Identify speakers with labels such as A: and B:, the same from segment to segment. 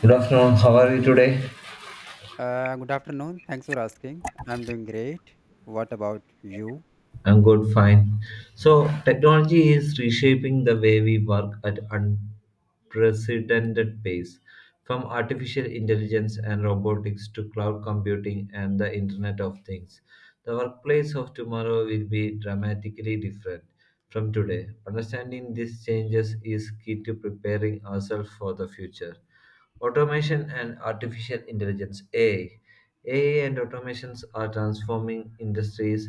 A: Good afternoon. How are you today?
B: Good afternoon. Thanks for asking. I'm doing great. What about you?
A: I'm good, fine. So, technology is reshaping the way we work at unprecedented pace. From artificial intelligence and robotics to cloud computing and the Internet of Things, the workplace of tomorrow will be dramatically different from today. Understanding these changes is key to preparing ourselves for the future. Automation and artificial intelligence AI. AI and automations are transforming industries.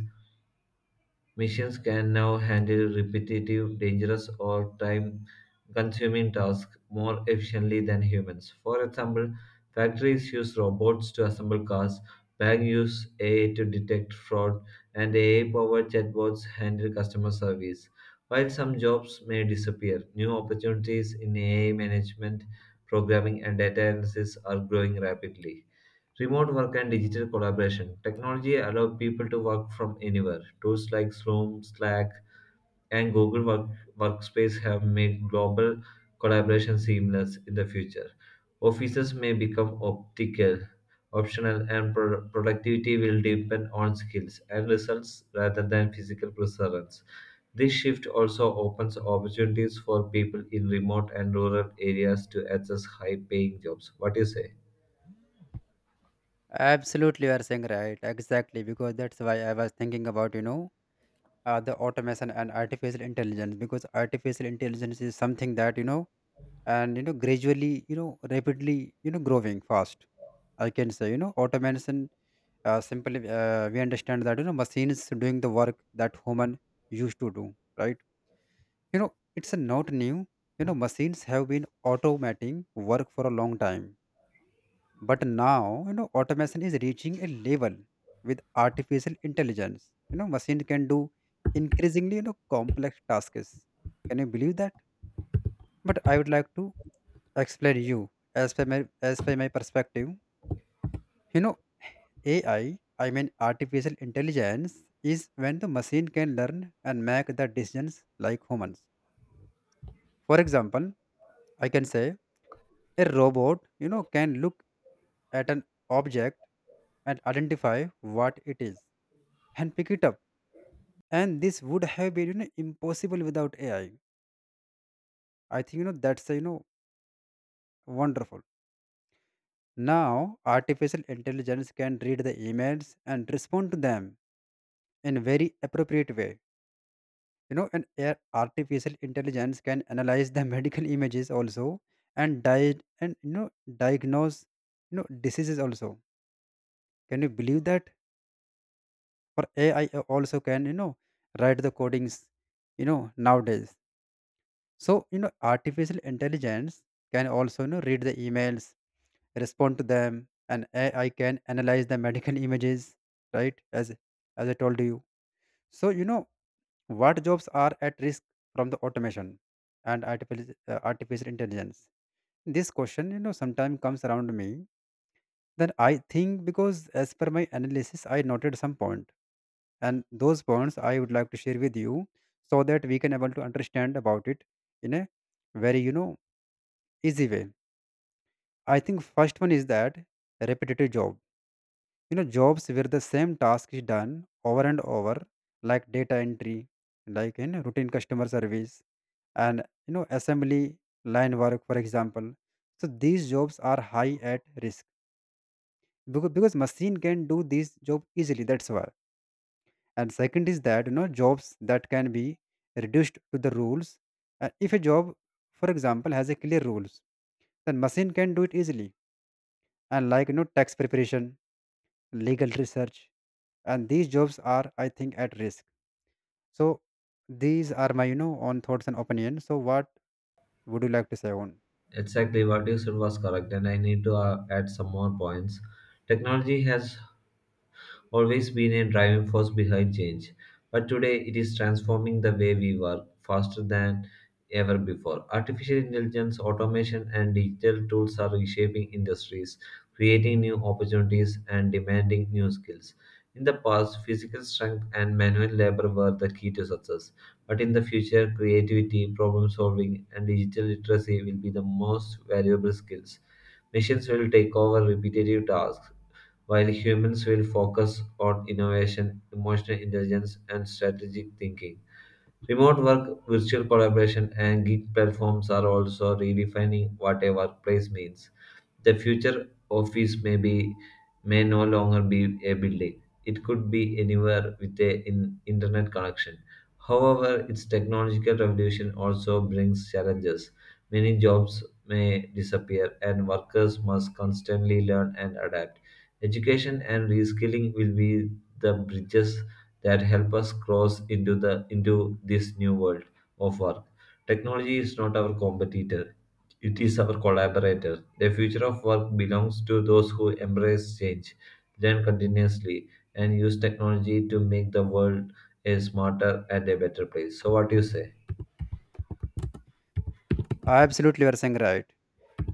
A: Machines can now handle repetitive, dangerous, or time consuming tasks more efficiently than humans. For example, factories use robots to assemble cars, banks use AI to detect fraud, and AI powered chatbots handle customer service. While some jobs may disappear, new opportunities in AI management, programming, and data analysis are growing rapidly. Remote work and digital collaboration. Technology allows people to work from anywhere. Tools like Zoom, Slack, and Workspace have made global collaboration seamless in the future. Offices may become optional, and productivity will depend on skills and results rather than physical presence. This shift also opens opportunities for people in remote and rural areas to access high paying jobs. What do you say?
B: Absolutely, you are saying right. Exactly, because that's why I was thinking about, you know, the automation and artificial intelligence, because artificial intelligence is something that, you know, and, you know, gradually, you know, rapidly, you know, growing fast. I can say, you know, automation, simply, we understand that, you know, machines doing the work that human used to do, right? You know, it's not new. You know, machines have been automating work for a long time. But now, you know, automation is reaching a level with artificial intelligence. You know, machine can do increasingly, you know, complex tasks. Can you believe that? But I would like to explain you as per my as per my perspective. You know, AI, I mean artificial intelligence, is when the machine can learn and make the decisions like humans. For example, I can say a robot, you know, can look at an object and identify what it is and pick it up. And this would have been, you know, impossible without AI. I think, you know, that's you know, wonderful. Now artificial intelligence can read the emails and respond to them in very appropriate way. You know, and artificial intelligence can analyze the medical images also and diet and, you know, diagnose, you know, diseases also. Can you believe that? Or AI also can, you know, write the codings, you know, nowadays. So, you know, artificial intelligence can also, you know, read the emails, respond to them, and AI can analyze the medical images, right? As I told you. So, you know, what jobs are at risk from the automation and artificial artificial intelligence? This question, you know, sometimes comes around me. Then I think, because as per my analysis I noted some point, and those points I would like to share with you, so that we can able to understand about it in a very, you know, easy way. I think first one is that repetitive job. You know, jobs where the same task is done over and over, like data entry, like in routine customer service, and, you know, assembly line work, for example. So these jobs are high at risk, because machine can do this job easily, that's why. And second is that, you know, jobs that can be reduced to the rules. If a job, for example, has a clear rules, then machine can do it easily, and like, you know, tax preparation, legal research, and these jobs are, I think, at risk. So these are my, you know, own thoughts and opinions. So what would you like to say on?
A: Exactly what you said was correct, and I need to add some more points. Technology has always been a driving force behind change, but today it is transforming the way we work faster than ever before. Artificial intelligence, automation, and digital tools are reshaping industries, creating new opportunities, and demanding new skills. In the past, physical strength and manual labor were the key to success, but in the future, creativity, problem solving, and digital literacy will be the most valuable skills. Machines will take over repetitive tasks while humans will focus on innovation, emotional intelligence, and strategic thinking. Remote work, virtual collaboration, and gig platforms are also redefining what a workplace means. The future office may no longer be a building. It could be anywhere with a in, internet connection. However, its technological revolution also brings challenges. Many jobs may disappear and workers must constantly learn and adapt. Education and reskilling will be the bridges that help us cross into this new world of work. Technology is not our competitor, it is our collaborator. The future of work belongs to those who embrace change, learn continuously, and use technology to make the world a smarter and a better place. So, what do you say?
B: Absolutely, you are saying right.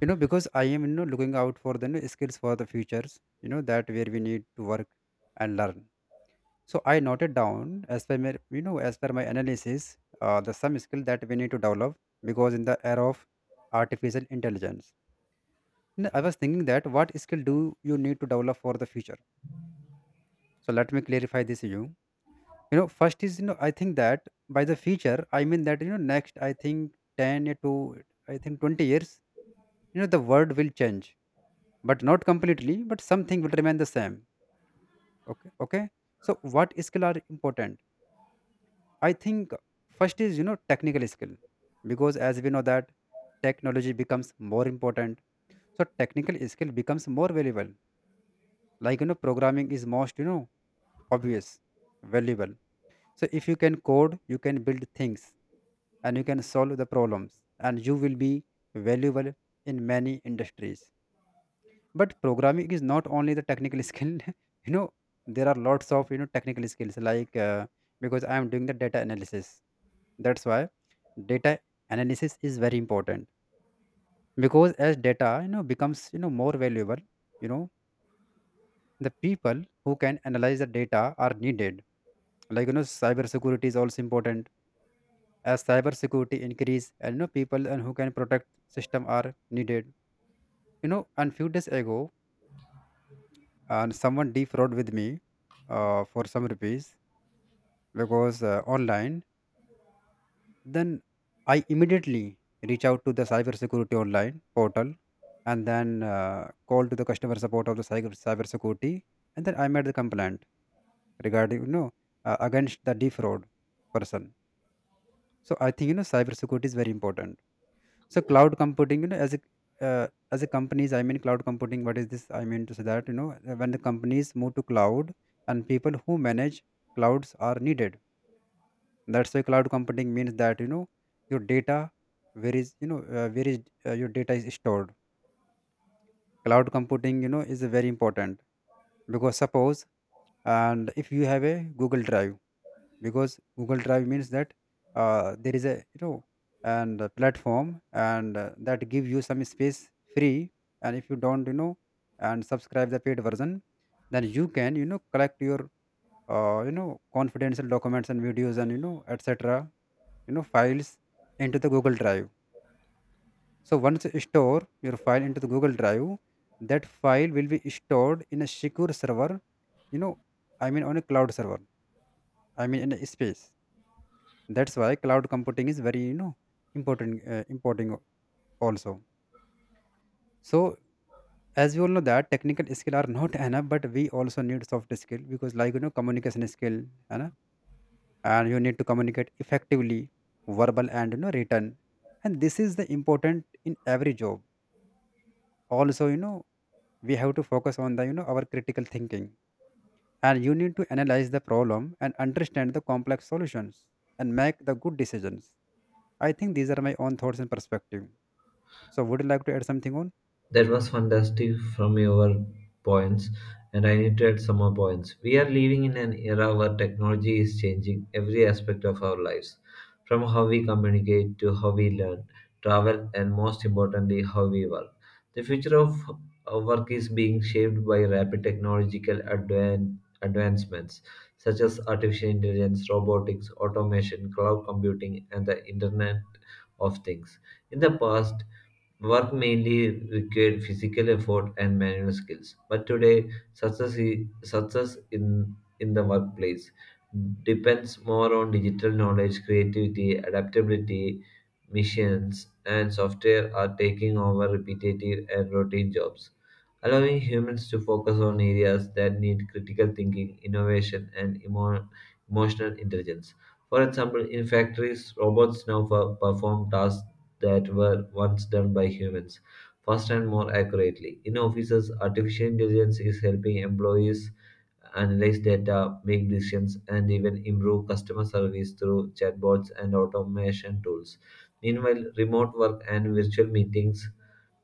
B: You know, because I am, you know, looking out for the, you know, skills for the futures, you know, that where we need to work and learn. So I noted down as per my, you know, as per my analysis, the some skill that we need to develop, because in the era of artificial intelligence. I was thinking that what skill do you need to develop for the future? So let me clarify this to you. You know, first is, you know, I think that by the future I mean that, you know, next I think ten to I think 20 years, you know, the world will change, but not completely, but something will remain the same. Okay, okay. So what skill are important? I think first is, you know, technical skill. Because as we know that technology becomes more important, so technical skill becomes more valuable, like, you know, programming is most, you know, obvious valuable. So if you can code, you can build things and you can solve the problems, and you will be valuable in many industries. But programming is not only the technical skill. You know, there are lots of, you know, technical skills, like because I am doing the data analysis, that's why data analysis is very important. Because as data, you know, becomes, you know, more valuable, you know, the people who can analyze the data are needed. Like, you know, cyber security is also important. As cyber security increase, and, you know, people and who can protect system are needed. You know, and few days ago, and someone defraud with me, for some rupees, because online. Then I immediately reach out to the cyber security online portal, and then call to the customer support of the cyber security, and then I made the complaint regarding, you know, against the defraud person. So I think, you know, cyber security is very important. So cloud computing, you know, as a companies, I mean cloud computing. What is this? I mean to say that, you know, when the companies move to cloud, and people who manage clouds are needed. That's why cloud computing means that, you know, your data where is, you know, where is your data is stored. Cloud computing, you know, is very important. Because suppose and if you have a Google Drive, because Google Drive means that there is a, you know, and a platform, and that give you some space free. And if you don't, you know, and subscribe the paid version, then you can, you know, collect your you know, confidential documents and videos and, you know, etc., you know, files into the Google Drive. So once you store your file into the Google Drive, that file will be stored in a secure server, you know, I mean on a cloud server, I mean in a space. That's why cloud computing is very, you know, important also. So as we all know that technical skill are not enough, but we also need soft skill, because like, you know, communication skill. You know, and you need to communicate effectively, verbal and, you know, written, and this is the important in every job. Also, you know, we have to focus on the, you know, our critical thinking, and you need to analyze the problem and understand the complex solutions and make the good decisions. I think these are my own thoughts and perspective. So would you like to add something on?
A: That was fantastic from your points, and I need to add some more points. We are living in an era where technology is changing every aspect of our lives, from how we communicate to how we learn, travel, and most importantly, how we work. The future of our work is being shaped by rapid technological advancements such as artificial intelligence, robotics, automation, cloud computing, and the Internet of Things. In the past, work mainly required physical effort and manual skills, but today success, I- success in the workplace depends more on digital knowledge, creativity, adaptability, missions, and software are taking over repetitive and routine jobs, allowing humans to focus on areas that need critical thinking, innovation, and emotional intelligence. For example, in factories, robots now perform tasks that were once done by humans, faster and more accurately. In offices, artificial intelligence is helping employees analyze data, make decisions, and even improve customer service through chatbots and automation tools. Meanwhile, remote work and virtual meetings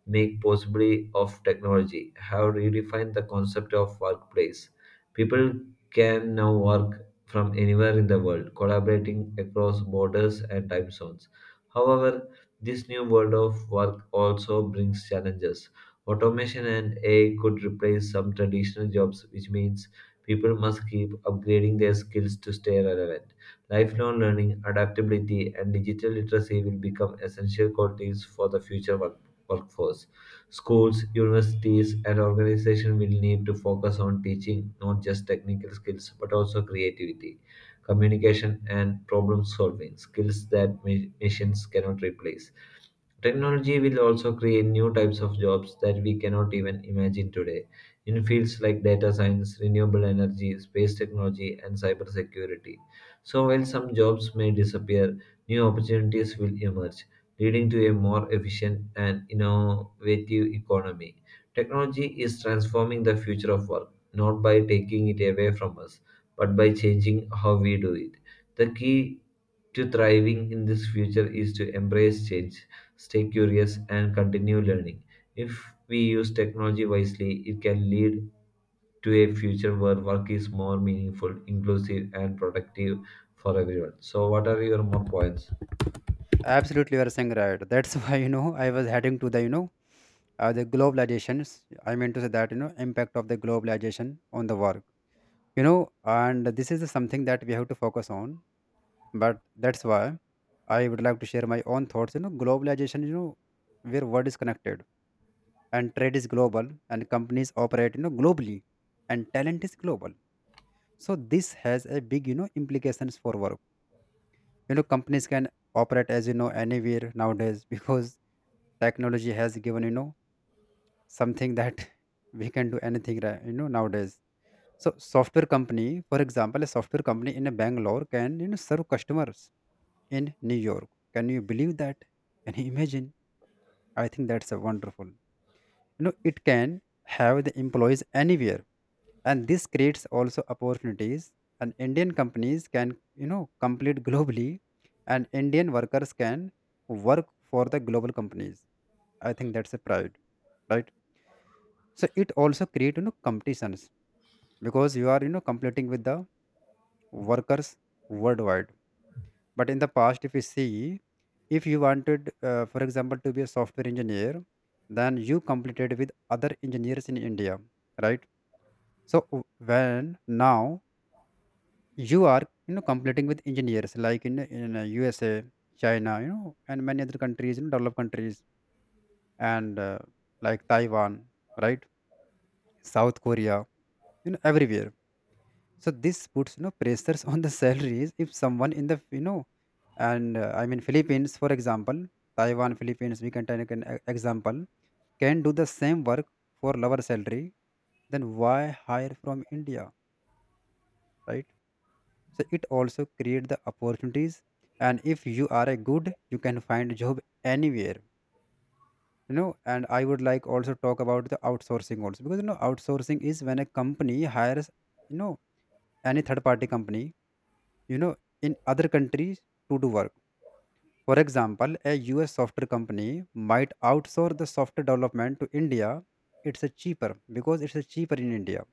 A: make possibly of technology have redefined the concept of workplace. People can now work from anywhere in the world, collaborating across borders and time zones. However, this new world of work also brings challenges. Automation and AI could replace some traditional jobs, which means people must keep upgrading their skills to stay relevant. Lifelong learning, adaptability, and digital literacy will become essential qualities for the future workforce. Schools, universities, and organizations will need to focus on teaching not just technical skills but also creativity, communication, and problem solving skills that machines cannot replace. Technology will also create new types of jobs that we cannot even imagine today in fields like data science, renewable energy, space technology, and cybersecurity. So, while some jobs may disappear, new opportunities will emerge, leading to a more efficient and innovative economy. Technology is transforming the future of work, not by taking it away from us, but by changing how we do it. The key to thriving in this future is to embrace change, stay curious, and continue learning. If we use technology wisely, it can lead to a future where work is more meaningful, inclusive, and productive for everyone. So, what are your more points?
B: Absolutely, you are saying right. That's why, you know, I was heading to the, you know, the globalizations. I mean to say that, you know, impact of the globalization on the work. You know, and this is something that we have to focus on. But that's why I would like to share my own thoughts. You know, globalization. You know, where world is connected and trade is global and companies operate, you know, globally, and talent is global. So this has a big, you know, implications for work. You know, companies can operate as, you know, anywhere nowadays because technology has given, you know, something that we can do anything, right, you know, nowadays. So software company, for example, a software company in a Bangalore can, you know, serve customers in New York. Can you believe that? Can you imagine? I think that's a wonderful, you know, it can have the employees anywhere, and this creates also opportunities. And Indian companies can, you know, compete globally, and Indian workers can work for the global companies. I think that's a pride, right? So it also create, you know, competitions, because you are, you know, competing with the workers worldwide. But in the past, if you see, if you wanted, for example, to be a software engineer, then you competed with other engineers in India, right? So when now you are, you know, competing with engineers like in USA, China, you know, and many other countries, you know, developed countries, and like Taiwan, right? South Korea, you know, everywhere. So this puts, you know, pressures on the salaries. If someone in the, you know, and I mean Philippines, for example, Taiwan, Philippines, we can take an example, can do the same work for lower salary, then why hire from India, right? So it also create the opportunities, and if you are a good you can find job anywhere, you know. And I would like also talk about the outsourcing also because, you know, outsourcing is when a company hires, you know, any third party company, you know, in other countries to do work. For example, a US software company might outsource the software development to India. It's a cheaper because it's a cheaper in India,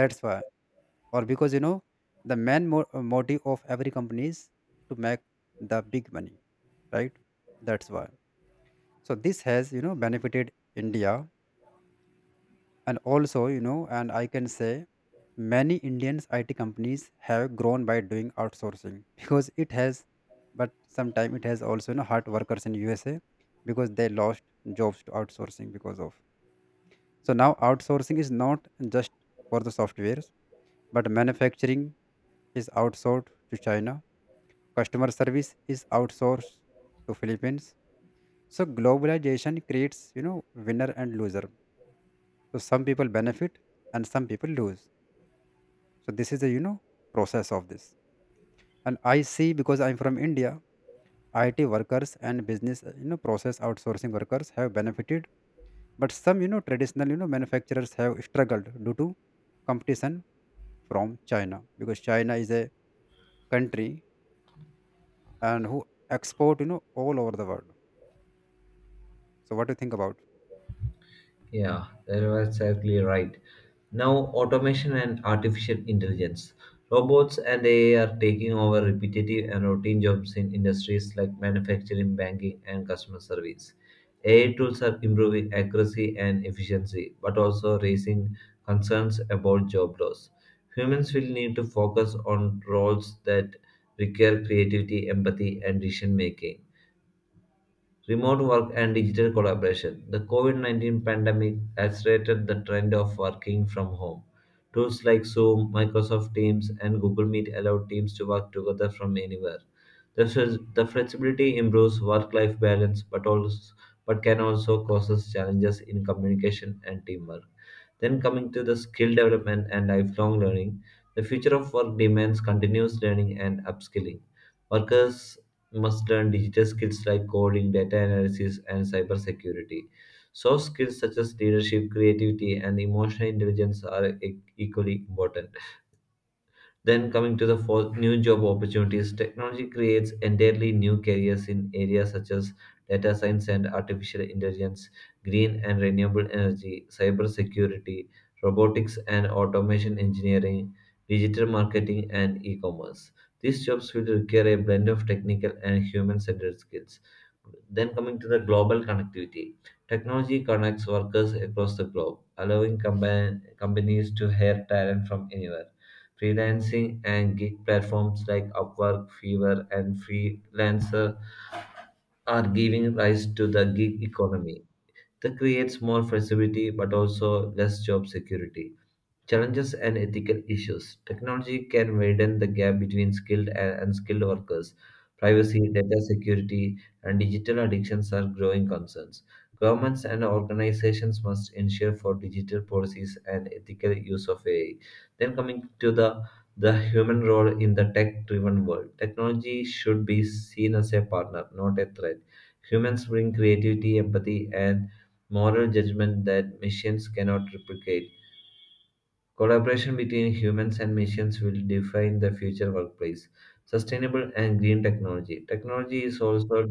B: that's why. Or because, you know, the main motive of every company is to make the big money, right? That's why. So this has, you know, benefited India. And also, you know, and I can say many Indians IT companies have grown by doing outsourcing because it has. But sometimes it has also, you know, hard workers in USA because they lost jobs to outsourcing because of. So now outsourcing is not just for the softwares, but manufacturing is outsourced to China. Customer service is outsourced to Philippines. So globalization creates, you know, winner and loser. So some people benefit and some people lose. So this is the, you know, process of this. And I see, because I'm from India, IT workers and business, you know, process outsourcing workers have benefited, but some, you know, traditional, you know, manufacturers have struggled due to competition from China, because China is a country and who export, you know, all over the world. So what do you think about?
A: Yeah, that was exactly right. Now, automation and artificial intelligence. Robots and AI are taking over repetitive and routine jobs in industries like manufacturing, banking, and customer service. AI tools are improving accuracy and efficiency, but also raising concerns about job loss. Humans will need to focus on roles that require creativity, empathy, and decision making. Remote work and digital collaboration. The COVID-19 pandemic accelerated the trend of working from home. Tools like Zoom, Microsoft Teams, and Google Meet allow teams to work together from anywhere. The flexibility improves work life balance, but can also cause challenges in communication and teamwork. Then, coming to the skill development and lifelong learning, the future of work demands continuous learning and upskilling. Workers must learn digital skills like coding, data analysis, and cybersecurity. Soft skills such as leadership, creativity, and emotional intelligence are equally important. Then coming to the fourth, new job opportunities. Technology creates entirely new careers in areas such as data science and artificial intelligence, green and renewable energy, cyber security, robotics and automation engineering, digital marketing and e-commerce. These jobs will require a blend of technical and human-centered skills. Then coming to the global connectivity. Technology connects workers across the globe, allowing companies to hire talent from anywhere. Freelancing and gig platforms like Upwork, Fiverr, and Freelancer are giving rise to the gig economy. That creates more flexibility but also less job security. Challenges and ethical issues. Technology can widen the gap between skilled and unskilled workers. Privacy, data security, and digital addictions are growing concerns. Governments and organizations must ensure for digital policies and ethical use of AI. Then coming to the human role in the tech-driven world. Technology should be seen as a partner, not a threat. Humans bring creativity, empathy, and moral judgment that machines cannot replicate. Collaboration between humans and machines will define the future workplace. Sustainable and green technology. Technology is also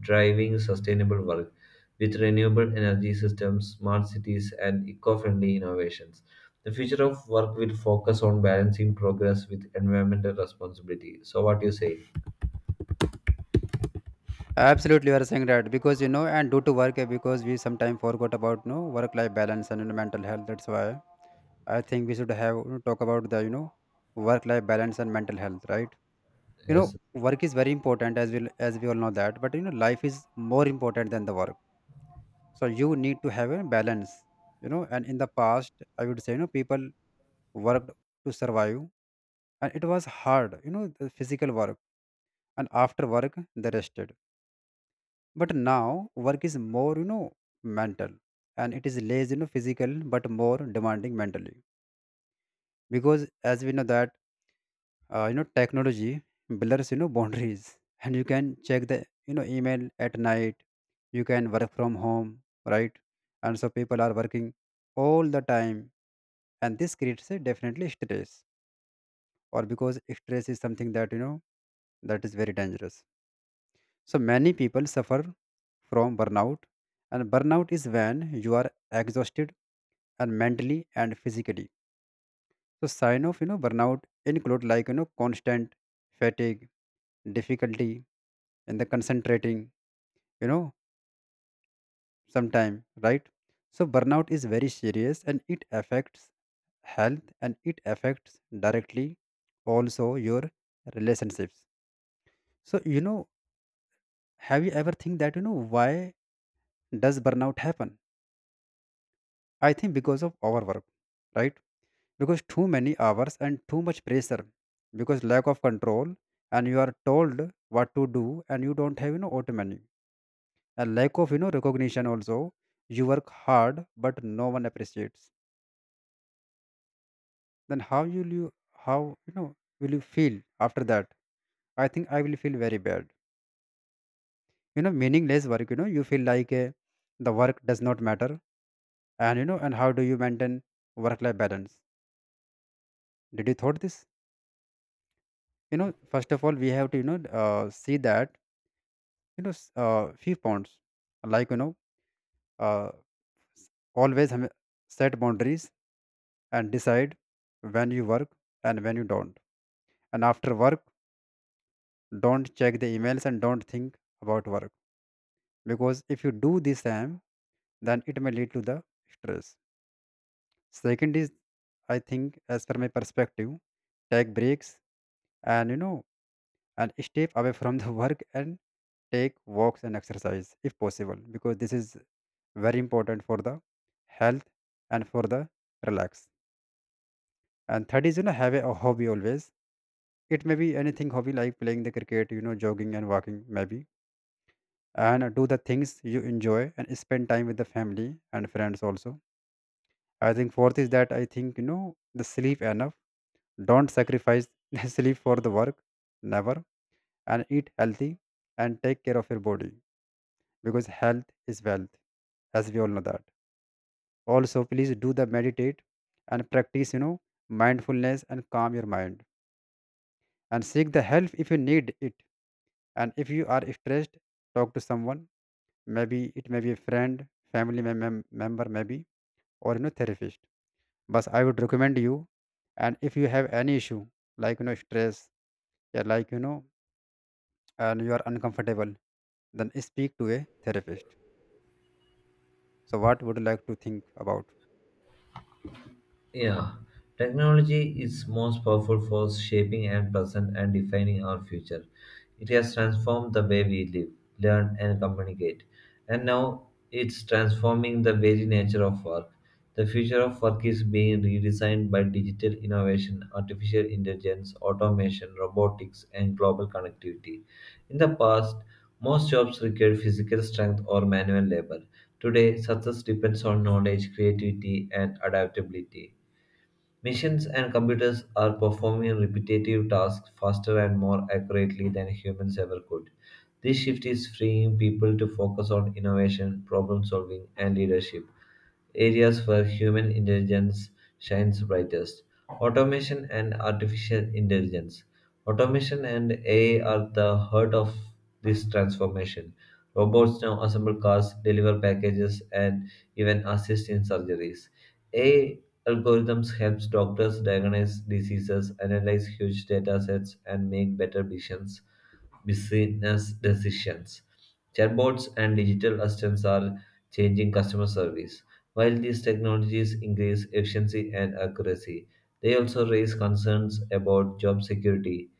A: driving sustainable work with renewable energy systems, smart cities, and eco friendly innovations. The future of work will focus on balancing progress with environmental responsibility. So, what do you say?
B: Absolutely, you are saying right because, you know, and due to work, eh, because we sometimes forgot about, you know, work-life balance and, you know, mental health. That's why I think we should have, you know, talk about the, you know, work-life balance and mental health, right? You know,
A: Yes.
B: work is very important as we all know that, but, you know, life is more important than the work. So you need to have a balance, you know. And in the past, I would say, you know, people worked to survive, and it was hard, you know, the physical work, and after work they rested. But now work is more, you know, mental, and it is less, you know, physical but more demanding mentally, because as we know that you know, technology blurs, you know, boundaries, and you can check the, you know, email at night, you can work from home, right? And so people are working all the time, and this creates a definitely stress. Or because stress is something that, you know, that is very dangerous. So many people suffer from burnout, and burnout is when you are exhausted and mentally and physically. So sign of, you know, burnout include like, you know, constant fatigue, difficulty in the concentrating, you know, sometime, right? So burnout is very serious, and it affects health, and it affects directly also your relationships. So, you know, have you ever think that, you know, why does burnout happen? I think because of overwork, right? Because too many hours and too much pressure, because lack of control, and you are told what to do, and you don't have, you know, autonomy, and lack of, you know, recognition also. You work hard, but no one appreciates. Then how will you how, you know, will you feel after that? I think I will feel very bad. You know, meaningless work. You know, you feel like the work does not matter. And you know, and how do you maintain work-life balance? Did you thought this? You know, first of all, we have to, you know, see that, you know, few points like, you know, uh, s- always hame- set boundaries and decide when you work and when you don't. And after work, don't check the emails and don't think about work, because if you do this time, then it may lead to the stress. Second is, I think as per my perspective, take breaks and, you know, and step away from the work and take walks and exercise if possible, because this is very important for the health and for the relax. And third is, you know, have a hobby always. It may be anything, hobby like playing the cricket, you know, jogging and walking maybe, and do the things you enjoy and spend time with the family and friends also. I think fourth is that, I think, you know, the sleep enough. Don't sacrifice the sleep for the work, never. And eat healthy and take care of your body, because health is wealth, as we all know that. Also, please do the meditate and practice, you know, mindfulness and calm your mind. And seek the help if you need it. And if you are stressed, talk to someone. Maybe it may be a friend, family member, maybe, or, you know, therapist. But I would recommend you. And if you have any issue, like, you know, stress, yeah, like, you know, and you are uncomfortable, then speak to a therapist. So, what would you like to think about?
A: Yeah, technology is most powerful force shaping and present and defining our future. It has transformed the way we live, learn, and communicate. And now it's transforming the very nature of work. The future of work is being redesigned by digital innovation, artificial intelligence, automation, robotics, and global connectivity. In the past, most jobs required physical strength or manual labor. Today, success depends on knowledge, creativity, and adaptability. Machines and computers are performing repetitive tasks faster and more accurately than humans ever could. This shift is freeing people to focus on innovation, problem solving, and leadership, areas where human intelligence shines brightest. Automation and artificial intelligence. Automation and AI are the heart of this transformation. Robots now assemble cars, deliver packages, and even assist in surgeries. AI algorithms helps doctors diagnose diseases, analyze huge data sets, and make better business decisions. Chatbots and digital assistants are changing customer service. While these technologies increase efficiency and accuracy, they also raise concerns about job security.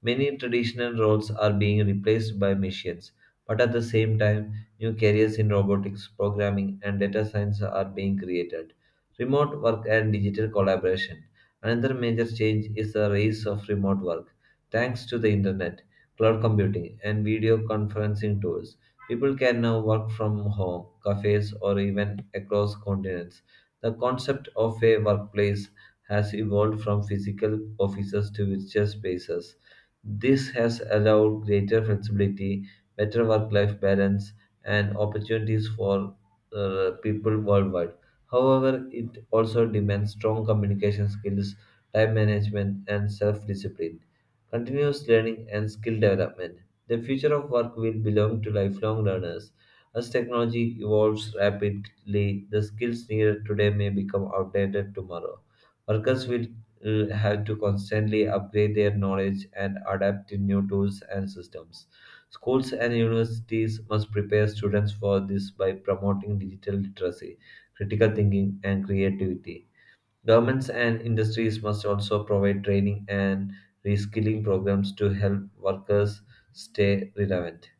A: Many traditional roles are being replaced by machines, but at the same time, new careers in robotics, programming, and data science are being created. Remote work and digital collaboration. Another major change is the rise of remote work. Thanks to the internet, cloud computing, and video conferencing tools, people can now work from home, cafes, or even across continents. The concept of a workplace has evolved from physical offices to virtual spaces. This has allowed greater flexibility, better work life balance, and opportunities for people worldwide. However, it also demands strong communication skills, time management, and self discipline, continuous learning, and skill development. The future of work will belong to lifelong learners. As technology evolves rapidly, the skills needed today may become outdated tomorrow. Workers will have to constantly upgrade their knowledge and adapt to new tools and systems. Schools and universities must prepare students for this by promoting digital literacy, critical thinking, and creativity. Governments and industries must also provide training and reskilling programs to help workers stay relevant.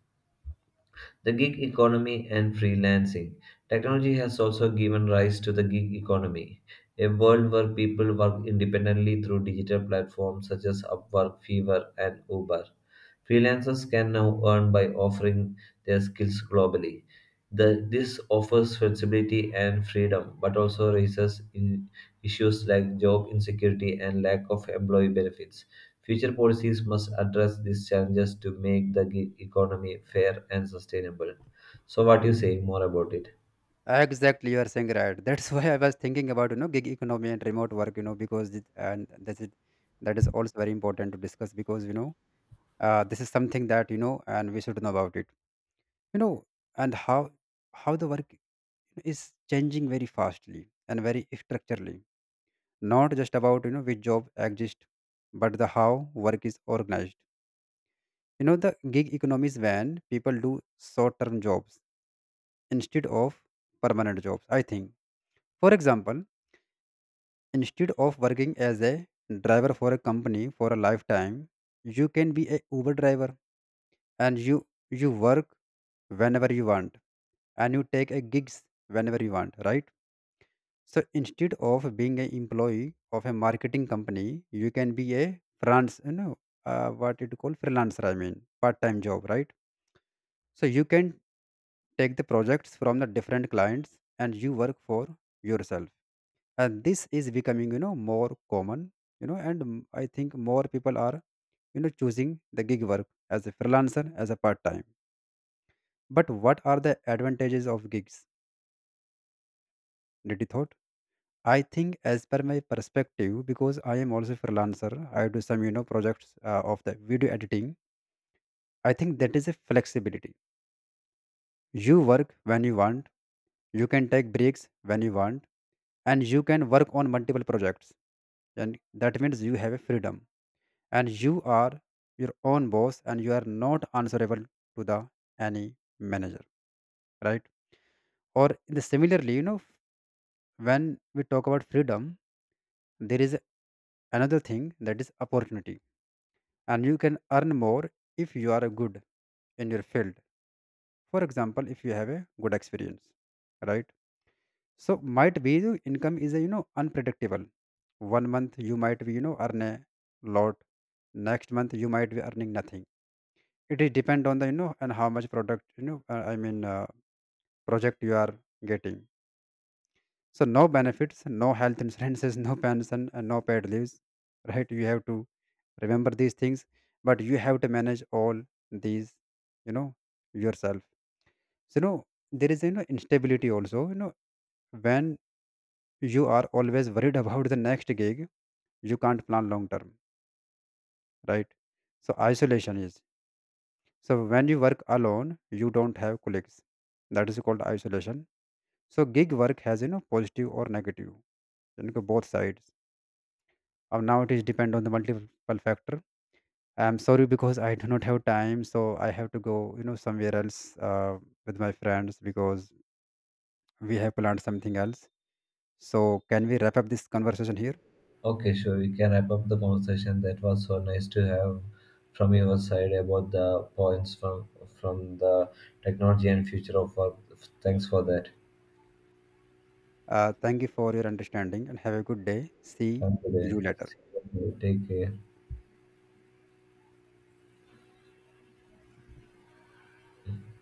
A: The gig economy and freelancing. Technology has also given rise to the gig economy, a world where people work independently through digital platforms such as Upwork, Fiverr, and Uber. Freelancers can now earn by offering their skills globally. This offers flexibility and freedom, but also raises in issues like job insecurity and lack of employee benefits. Future policies must address these challenges to make the gig economy fair and sustainable. So, what do you say more about it?
B: Exactly, you are saying right. That's why I was thinking about, you know, gig economy and remote work. You know, because it, and that is also very important to discuss because, you know, this is something that, you know, and we should know about it. You know, and how the work is changing very fastly and very structurally. Not just about, you know, which job exists, but the how work is organized. You know, the gig economy is when people do short term jobs instead of permanent jobs, I think. For example, instead of working as a driver for a company for a lifetime, you can be a Uber driver, and you work whenever you want, and you take a gigs whenever you want, right? So instead of being an employee of a marketing company, you can be a freelance, you know, what it call freelancer. I mean, part-time job, right? So you can take the projects from the different clients and you work for yourself. And this is becoming, you know, more common, you know, and mm, I think more people are, you know, choosing the gig work as a freelancer, as a part time. But what are the advantages of gigs? Did you thought? I think as per my perspective, because I am also freelancer, I do some, you know, projects of the video editing. I think that is a flexibility. You work when you want, you can take breaks when you want, and you can work on multiple projects, and that means you have a freedom, and you are your own boss, and you are not answerable to the any manager, right? Or in the similarly, you know, when we talk about freedom, there is another thing that is opportunity, and you can earn more if you are good in your field. For example, if you have a good experience, right? So might be the income is a, you know, unpredictable. One month you might be, you know, earn a lot, next month you might be earning nothing. It is depend on the, you know, and how much product you know I mean project you are getting. So no benefits, no health insurances, no pension, and no paid leaves. Right? You have to remember these things, but you have to manage all these. You know, yourself. So, you know, there is, you know, instability also. You know, when you are always worried about the next gig, you can't plan long term. Right? So isolation is. So when you work alone, you don't have colleagues. That is called isolation. So gig work has, you know, positive or negative, you know, both sides. Now it is depend on the multiple factor. I'm sorry because I do not have time, so I have to go, you know, somewhere else with my friends because we have planned something else. So can we wrap up this conversation here?
A: Okay, sure. We can wrap up the conversation. That was so nice to have from your side about the points from the technology and future of work. Thanks for that.
B: Thank you for your understanding and have a good day. See
A: Have a good
B: you
A: day.
B: later.
A: See you. Take care.